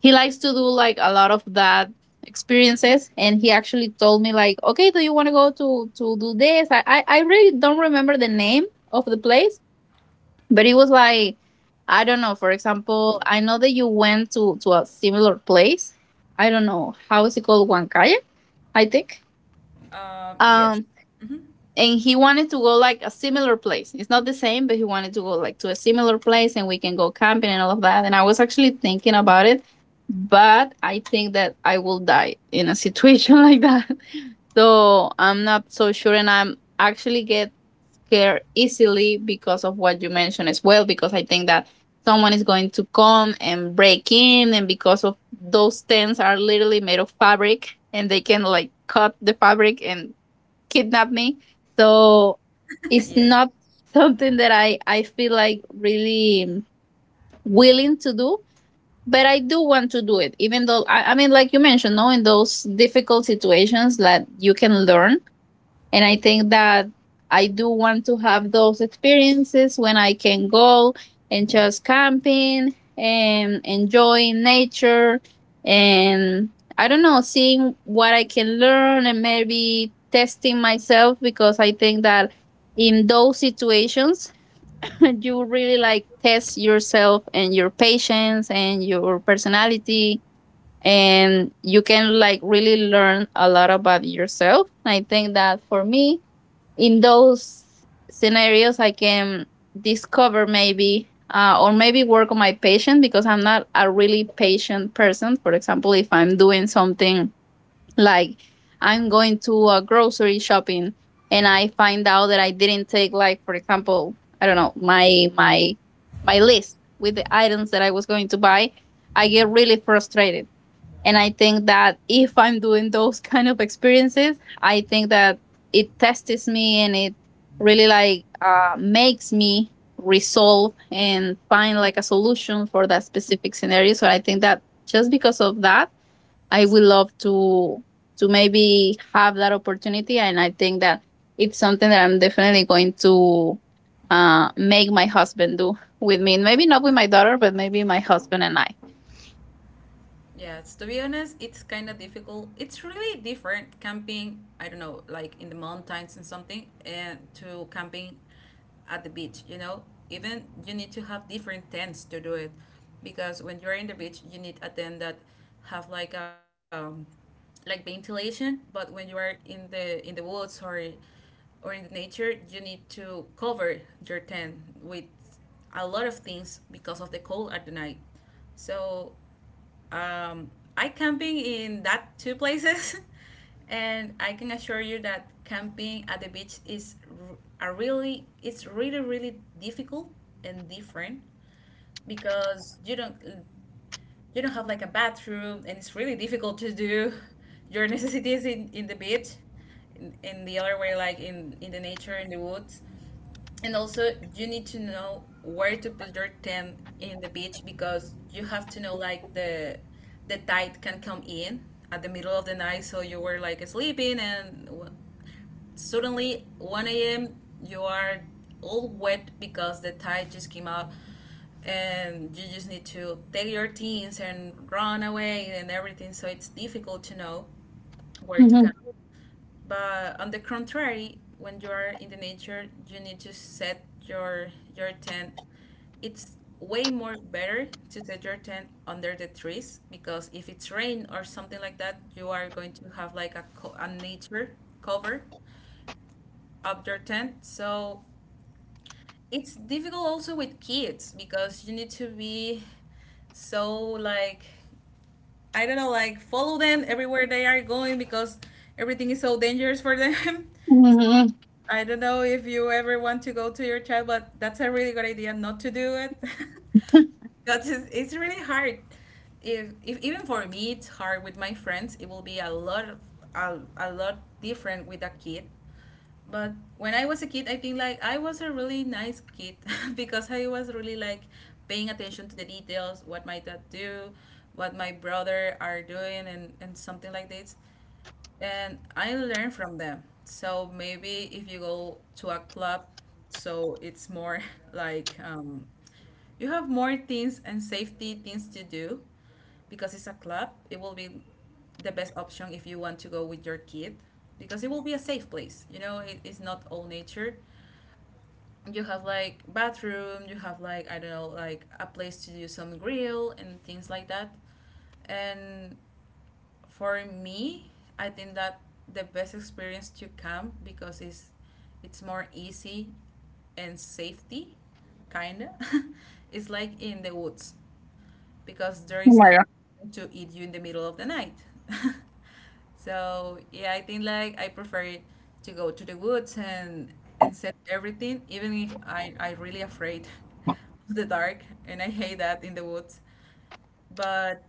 Speaker 2: he likes to do like a lot of that experiences. And he actually told me, like, okay, do you want to go to do this? I really don't remember the name of the place, but it was like, I don't know, for example, I know that you went to a similar place. I don't know how is it called, Huancaya, I think.
Speaker 1: Yes.
Speaker 2: um
Speaker 1: Hmm.
Speaker 2: and he wanted to go like a similar place. It's not the same, but he wanted to go like to a similar place, and we can go camping and all of that. And I was actually thinking about it, but I think that I will die in a situation [laughs] like that. So I'm not so sure, and I'm actually get scared easily, because of what you mentioned as well, because I think that someone is going to come and break in, and because of those tents are literally made of fabric, and they can like cut the fabric and kidnap me. So
Speaker 1: [laughs]
Speaker 2: it's
Speaker 1: Yes.
Speaker 2: not [laughs] something that I feel like really willing to do, but I do want to do it, even though I mean, like you mentioned, no, in those difficult situations that you can learn, and I think that I do want to have those experiences when I can go and just camping and enjoying nature. And I don't know, seeing what I can learn and maybe testing myself, because I think that in those situations [laughs] you really like test yourself and your patience and your personality, and you can like really learn a lot about yourself. I think that for me in those scenarios I can discover maybe or maybe work on my patient, because I'm not a really patient person. For example, if I'm doing something like I'm going to a grocery shopping and I find out that I didn't take, like, for example, I don't know, my my list with the items that I was going to buy, I get really frustrated. And I think that if I'm doing those [laughs] kind of experiences, I think that it tests me and it really like makes me resolve and find like a solution for that specific scenario. So I think that just because of that, I would love to maybe have that opportunity. And I think that it's something that I'm definitely going to make my husband do with me. Maybe not with my daughter, but maybe my husband and I.
Speaker 1: Yes, to be honest, it's kind of difficult. It's really different camping, I don't know, like in the mountains and something, and to camping at the beach, you know? Even you need to have different tents to do it because when you're in the beach, you need a tent that have like ventilation, but when you are in the woods or in the nature, you need to cover your tent with a lot of things because of the cold at the night. So um, I camping in that two places, [laughs] and I can assure you that camping at the beach is a really it's really really difficult and different because you don't have like a bathroom and it's really difficult to do [laughs] your necessities in the beach in the other way like in the nature in the woods and also, you need to know where to put your tent in the beach because you have to know like the tide can come in at the middle of the night. So you were like sleeping, and suddenly 1 a.m. you are all wet because the tide just came out, and you just need to take your things and run away and everything. So it's difficult to know where to
Speaker 2: Mm-hmm.
Speaker 1: come. But on the contrary, when you are in the nature, you need to set your tent. It's way more better to set your tent under the trees because if it's rain or something like that, you are going to have like a, a nature cover up your tent. So it's difficult also with kids because you need to be so like I don't know, like follow them everywhere they are going because everything is so dangerous for them. [laughs] So
Speaker 2: Mm-hmm.
Speaker 1: I don't know if you ever want to go to your child, but that's a really good idea not to do it. [laughs] Because it's really hard. If even for me it's hard with my friends, it will be a lot of a lot different with a kid, but when I was a kid, I think like I was a really nice kid [laughs] because I was really like paying attention to the details, what my dad do, what my brother are doing, and something like this. And I learn from them. So maybe if you go to a club, so it's more [laughs] like you have more things and safety things to do because it's a club it will be the best option if you want to go with your kid because it will be a safe place, you know. It, it's not all nature. You have like bathroom, you have like I don't know like a place to do some grill and things like that. And for me I think that the best experience to camp because it's more easy and safety kinda [laughs] it's like in the woods because there
Speaker 2: Oh
Speaker 1: is
Speaker 2: my
Speaker 1: no
Speaker 2: god.
Speaker 1: one to eat you in the middle of the night. [laughs] So yeah, I think like I prefer it to go to the woods and set everything, even if I really afraid [laughs] of the dark and I hate that in the woods. But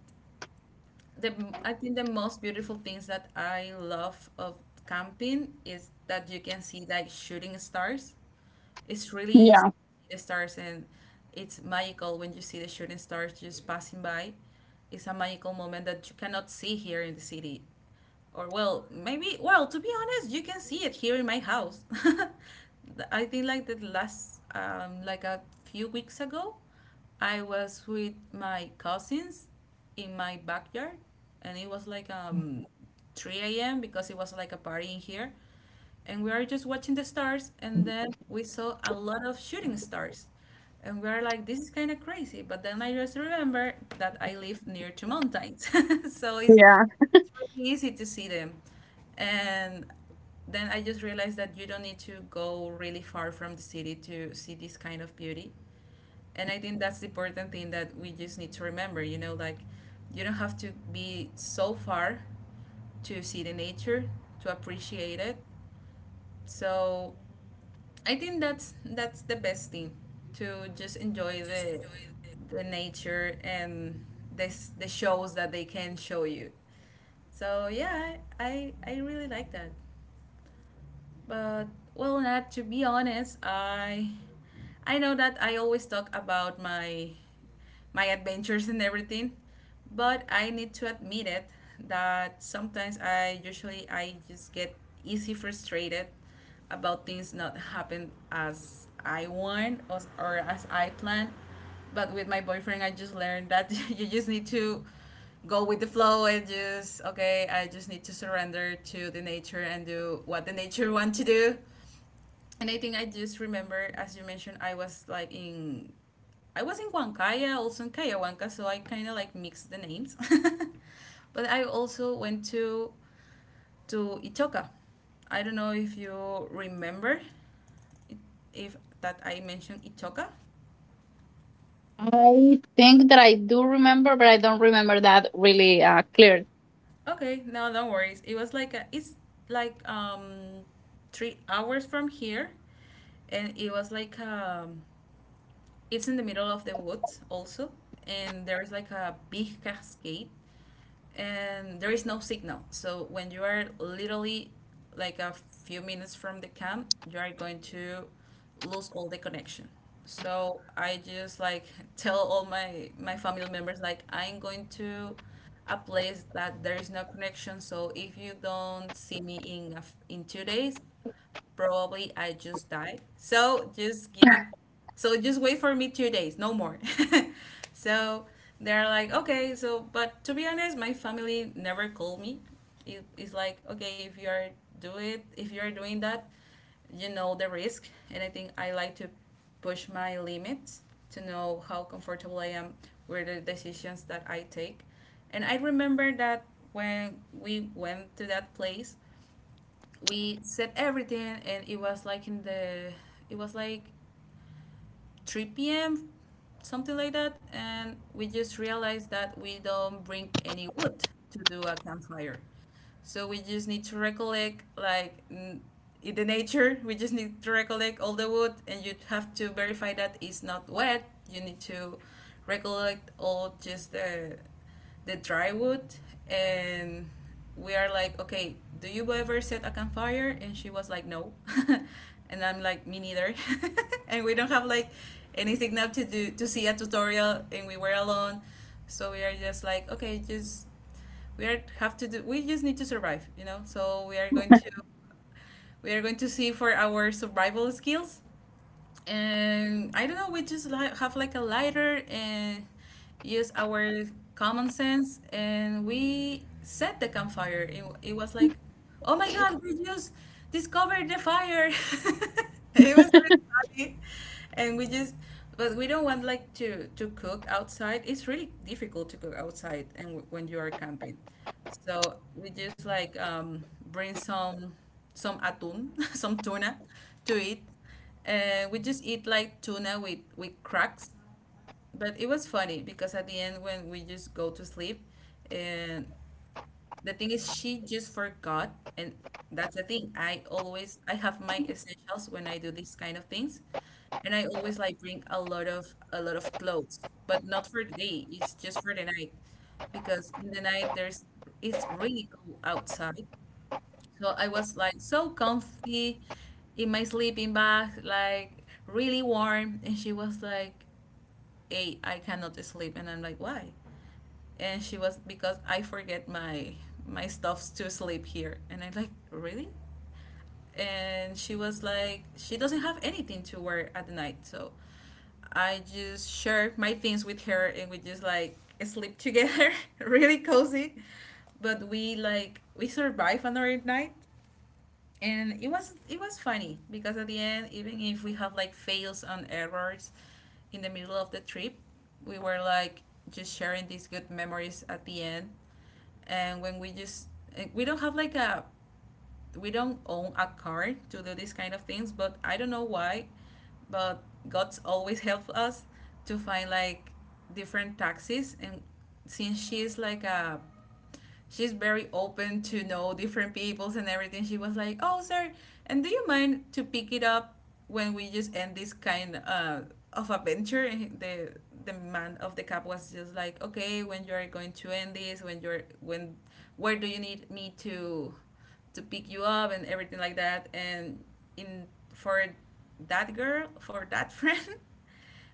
Speaker 1: the I think the most beautiful things that I love of camping is that you can see like shooting stars. It's really easy to see the stars, and it's magical when you see the shooting stars just passing by. It's a magical moment that you cannot see here in the city. Or, well, maybe, well, to be honest, you can see it here in my house. [laughs] I think, like, the last, like, a few weeks ago, I was with my cousins in my backyard, and it was like 3 a.m. because it was like a party in here, and we are just watching the stars, and then we saw a lot of shooting stars, and we are like, this is kind of crazy, but then I just remember that I live near two mountains [laughs] so it's,
Speaker 2: Yeah.
Speaker 1: it's really easy to see them. And then I just realized that you don't need to go really far from the city to see this kind of beauty, and I think that's the important thing that we just need to remember, like, you don't have to be so far to see the nature, to appreciate it. So I think that's the best thing, to just enjoy the nature and this the shows that they can show you. So yeah, I really like that. But well, not to be honest, I know that I always talk about my adventures and everything. But I need to admit it that sometimes I just get easy frustrated about things not happen as I want, or as I plan. But with my boyfriend, I just learned that [laughs] you just need to go with the flow and just, okay, I just need to surrender to the nature and do what the nature [laughs] want to do. And I think I just remember, as you mentioned, I was in Huancaya, also in Cayahuanca, so I kind of like mixed the names. [laughs] But I also went to Itoca. I don't know if you remember it- if that I mentioned Itoca.
Speaker 2: I think that I do remember, but I don't remember that really clear.
Speaker 1: Okay, no, don't worry. It's like 3 hours from here, and it was like it's in the middle of the woods also, and there's like a big cascade, and there is no signal. So when you are literally like a few minutes from the camp, you are going to lose all the connection. So I just like [laughs] tell all my family members, like, I'm going to a place that there is no connection. So if you don't see me in a f in 2 days, probably I just die. So just wait for me 2 days, no more. [laughs] So they're like, okay, so, but to be honest, my family never called me. It's like, okay, if you're doing that, you know the risk. And I think I like to push my limits to know how comfortable I am with the decisions that I take. And I remember that when we went to that place, we set everything, and it was like in the it was like 3 p.m, something like that, and we just realized that we don't bring any wood to do a campfire. So we just need to recollect, like, in the nature, we just need to recollect all the wood, and you have to verify that it's not wet. You need to recollect all just the dry wood. And we are like, okay, do you ever set a campfire? And she was like, no. [laughs] And I'm like, me neither. [laughs] And we don't have like any signal to see a tutorial, and we were alone. So we are just like, okay, just we are have to do we just need to survive, you know. So we are going to, see for our survival skills. And I don't know. We just have like a lighter and use our common sense, and we set the campfire. It was like, oh my god, we just discovered the fire. [laughs] It was really funny, and we just. But we don't want like to cook outside. It's really difficult to cook outside, and when you are camping. So we just like bring some atún, [laughs] some tuna to eat. We just eat like tuna with cracks. But it was funny because at the end, when we just go to sleep, and the thing is, she just forgot. And that's the thing. I have my essentials when I do these kind of things, and I always like bring a lot of clothes, but not for the day. It's just for the night, because in the night there's it's really cold outside. So I was like so comfy in my sleeping bag, like really warm. And she was like, hey, I cannot sleep. And I'm like, why? And she was, because I forget my stuffs to sleep here. And I'm like, really? And she was like, she doesn't have anything to wear at the night. So I just shared my things with her, and we just like sleep together, [laughs] really cozy. But we survived another night, and it was funny, because at the end, even if we have like fails and errors in the middle of the trip, we were like just sharing these good memories at the end. And when we just eh, we don't have like a we don't own a car to do these kind of things, but I don't know why, but god's always [laughs] helped us to find like different taxis. And since she is like a she's very open to know different peoples and everything. She was like, oh, sir, and do you mind to pick it up when we just end this kind of adventure? And the man of the cab was just like, okay, when you are going to end this? When you're when where do you need me to pick you up and everything like that? And in for that girl, for that [laughs] friend,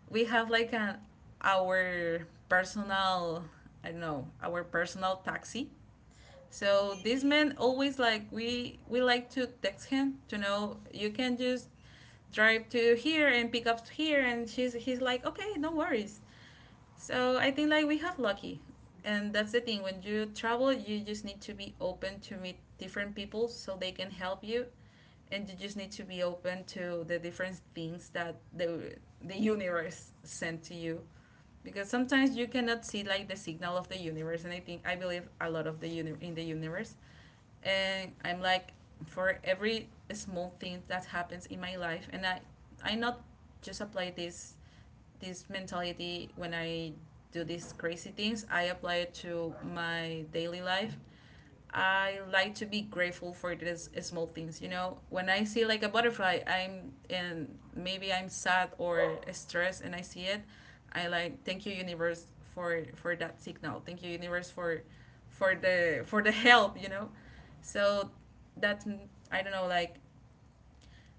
Speaker 1: we have like an our personal, I don't know, our personal taxi. So this man always, like, we like to text him to know you can just drive to here and pick up here, and she's he's like, okay, no worries. So I think like we have lucky, and that's the thing, when you travel, you just need to be open to meet different people so they can help you, and you just need to be open to the different things that the universe sent to you, because sometimes you cannot see like the signal of the universe. And I think I believe a lot of in the universe, and I'm like, for every small thing that happens in my life. And I not just apply this mentality when I do these crazy things. I apply it to my daily life. I like to be grateful for these small things. You know, when I see like a butterfly, I'm, and maybe I'm sad or stressed, and I see it, I like, thank you universe for that signal. Thank you universe for the help. You know, so that, I don't know, like,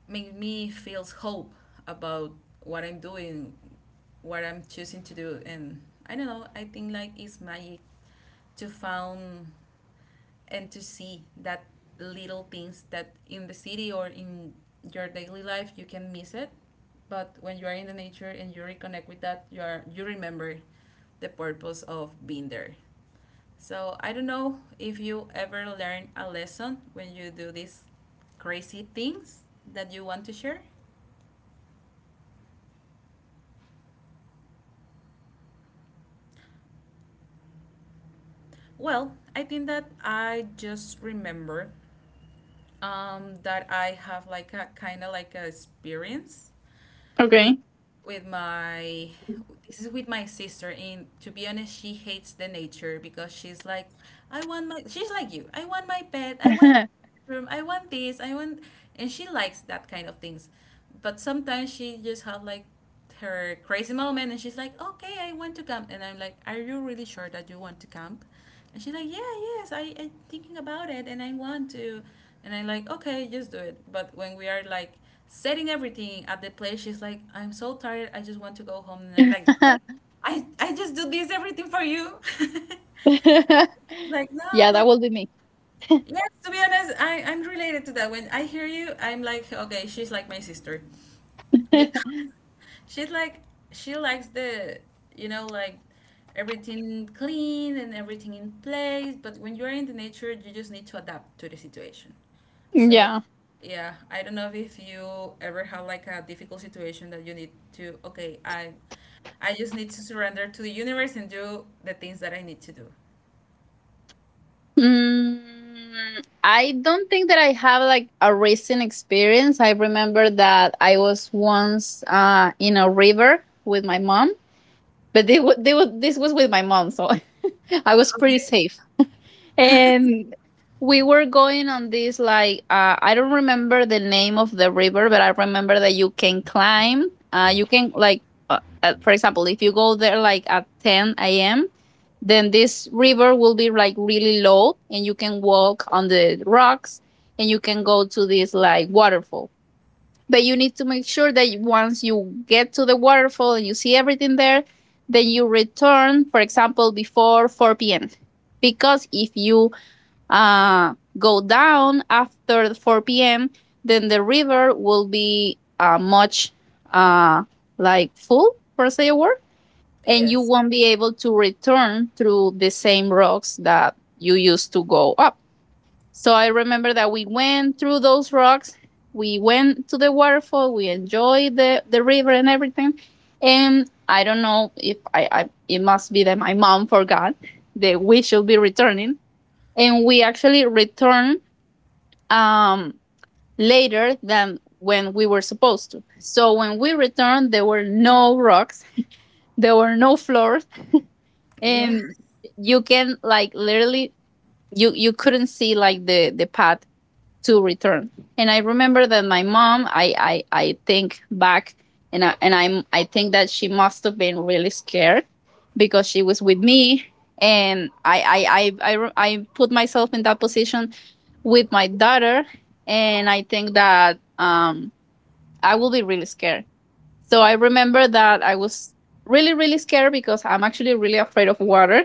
Speaker 1: make me feels hope about what I'm doing, what I'm choosing to do, and I don't know. I think like it's magic to found and to see that little things, that in the city or in your daily life you can miss it, but when you are in the nature and you reconnect with that, you remember the purpose of being there. So I don't know if you ever learn a lesson when you do these crazy things that you want to share. Well, I think that I just remember, that I have like a kind of like a experience with
Speaker 2: Okay.
Speaker 1: my, this is with my sister. And to be honest, she hates the nature, because she's like, I want my, she's like, you, I want my pet, I want
Speaker 2: [laughs]
Speaker 1: room, I want this, I want. And she likes that kind of things, but sometimes she just have like her crazy moment, and she's like, okay, I want to camp. And I'm like, are you really sure that you want to camp? And she's like, yeah, yes, I am thinking about it and I want to. And I'm like, okay, just do it. But when we are like setting everything at the place, she's like, I'm so tired, I just want to go home. And I like I just do this everything for you, [laughs] like, no.
Speaker 2: Yeah, that
Speaker 1: But
Speaker 2: will be me.
Speaker 1: yes, to be honest, I'm related to that. When I hear you, I'm like, okay, she's like my sister. Because
Speaker 2: [laughs]
Speaker 1: she's like, she likes the, like, everything clean and everything in place, but when you're in the nature, you just need to adapt to the situation. So
Speaker 2: Yeah.
Speaker 1: yeah, I don't know if you ever have like a difficult situation that you need to okay, I just need to surrender to the universe and do the things that I need to do.
Speaker 2: Mm, I don't think that I have like a racing experience. I remember that I was once in a river with my mom, but this was with my mom, so [laughs] I was pretty
Speaker 1: Okay.
Speaker 2: safe. And we were going on this like I don't remember the name of the river, but I remember that you can climb. You can like, for example, if you go there like at 10 a.m., then this river will be like really low, and you can walk on the rocks, and you can go to this like waterfall. But you need to make sure that you- once you get to the waterfall and you see everything there, then you return. For example, before 4 p.m. Because if you go down after 4 p.m., then the river will be much uh, like full, per se, a word, and you
Speaker 1: Yes.
Speaker 2: won't be able to return through the same rocks that you used to go up. So I remember that we went through those rocks. We went to the waterfall. We enjoyed the river and everything. And I don't know if I it must be that my mom forgot that we should be returning. And we actually returned um, later than when we were supposed to. So when we returned, there were no rocks, there were no floors,
Speaker 1: Yeah.
Speaker 2: and you can like literally you couldn't see like the path to return. And I remember that my mom, I think back and I think that she must have been really scared because she was with me. And I put myself in that position with my daughter, and I think that I will be really scared. So I remember that I was really really scared because I'm actually really afraid of water,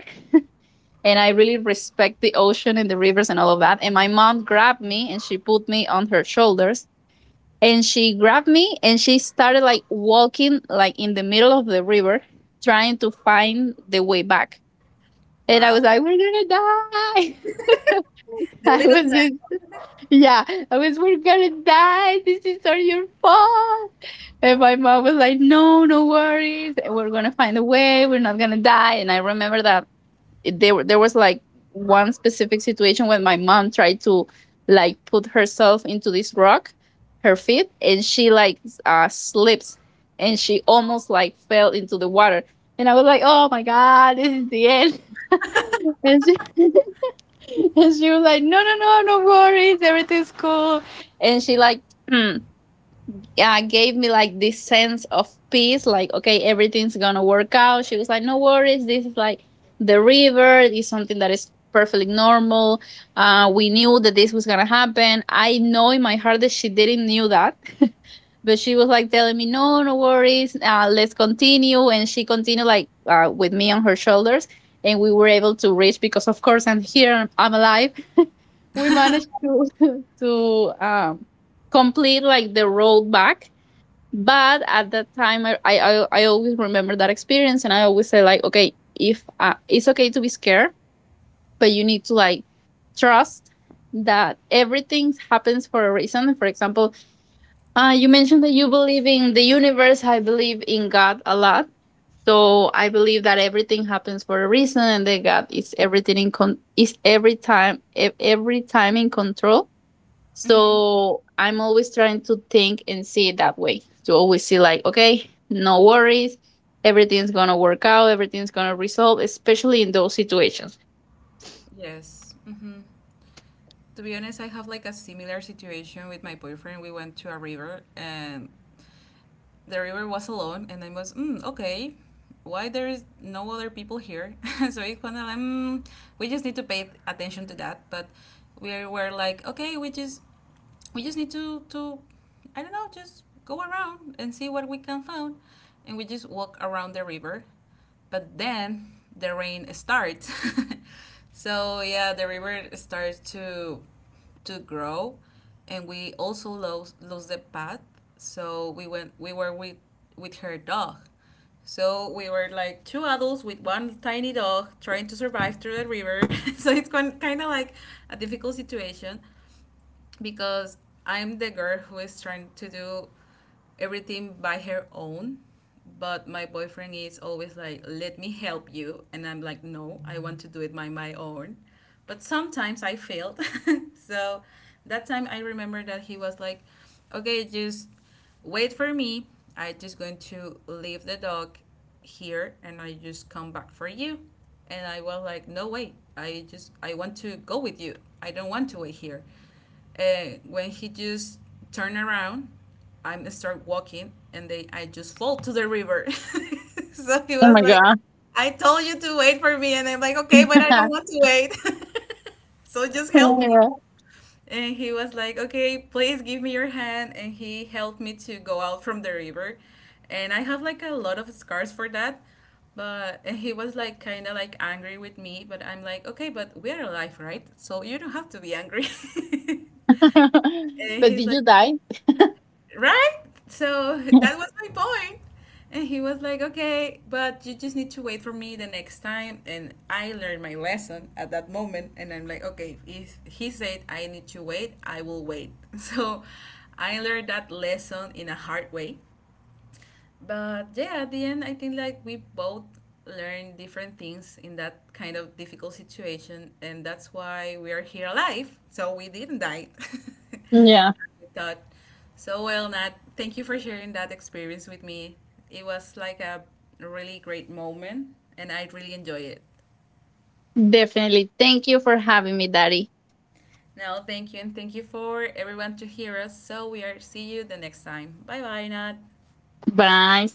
Speaker 2: and I really respect the ocean and the rivers and all of that. And my mom grabbed me and she put me on her shoulders, and she grabbed me and she started like walking like in the middle of the river, trying to find the way back. And I
Speaker 1: Wow.
Speaker 2: was like, we're gonna die. [laughs]
Speaker 1: The
Speaker 2: I
Speaker 1: little
Speaker 2: was in,
Speaker 1: that.
Speaker 2: yeah, I was, we're gonna die. This is all your fault. And my mom was like, no, no worries. We're gonna find a way. We're not gonna die. And I remember that there was like one specific situation when my mom tried to like put herself into this rock, her feet, and she like slips and she almost like fell into the water. And I was like, oh my God, this is the end. [laughs] And she, [laughs] and she was like, no, no, no, no worries. Everything's cool. And she like [clears throat] yeah, gave me like this sense of peace, like, okay, everything's gonna work out. She was like, no worries, this is like the river, it's something that is perfectly normal. We knew that this was gonna happen. I know in my heart that she didn't knew that, but she was like telling me, no, no worries, let's continue. And she continued like with me on her shoulders. And we were able to reach because, of course, I'm here, I'm alive. We managed to [laughs] to complete like the road back. But at that time, I always remember that experience, and I always say like, okay, if it's okay to be scared, but you need to like trust that everything happens for a reason. For example, you mentioned that you believe in the universe. I believe in God a lot, so I believe that everything happens for a reason, and that God is is every time every time in control.
Speaker 1: Mm-hmm.
Speaker 2: So I'm always trying to think and see it that way. To always see like, okay, no worries, everything's gonna work out, everything's gonna resolve, especially in those situations.
Speaker 1: Yes. Mm-hmm. To be honest, I have like a similar situation with my boyfriend. We went to a river and the river was alone, and I was, mm, okay, why there is no other people here? [laughs] So it's kind of like, we just need to pay attention to that. But we were like, okay, we just need to I don't know, just go around and see what we can find. And we just walk around the river. But then the rain starts. [laughs] So yeah, the river starts to grow, and we also lose the path. So we were with her dog. So we were like two adults with one tiny dog trying to survive through the river. [laughs] So it's kind of like a difficult situation because I'm the girl who is trying to do everything by her own. But my boyfriend is always like, let me help you. And I'm like, no, I want to do it by my own. But sometimes I failed. [laughs] So that time I remember that he was like, okay, just wait for me. I just going to leave the dog here, and I just come back for you. And I was like, no way. I want to go with you. I don't want to wait here when he just turned around, I start walking and they I just fall to the river. [laughs] So he
Speaker 2: Oh
Speaker 1: was
Speaker 2: my
Speaker 1: like,
Speaker 2: god.
Speaker 1: I told you to wait for me, and I'm like, okay, but I don't want
Speaker 2: [laughs]
Speaker 1: to wait. [laughs] So just help me. And he was like, okay, please give me your hand. And he helped me to go out from the river. And I have like a lot of scars for that. But and he was like kind of like angry with me. But I'm like, okay, but we are alive, right? So you don't have to be angry. [laughs] And
Speaker 2: But
Speaker 1: he's
Speaker 2: did
Speaker 1: like,
Speaker 2: you die?
Speaker 1: right? So that was my point. And he was like, okay, but you just need to wait for me the next time. And I learned my lesson at that moment. And I'm like, okay, if he said I need to wait, I will wait. [laughs] So I learned that lesson in a hard way. But yeah, at the end, I think like we both learned different things in that kind of difficult situation. And that's why we are here alive. So we didn't die. [laughs] I
Speaker 2: Yeah.
Speaker 1: thought. So, well, Nat, thank you for sharing that experience with me. It was like a really great moment, and I really enjoy it.
Speaker 2: Definitely. Thank you for having me, Daddy.
Speaker 1: Now, thank you, and thank you for everyone to hear us. So, we are see you the next time. Bye bye, Nat.
Speaker 2: Bye.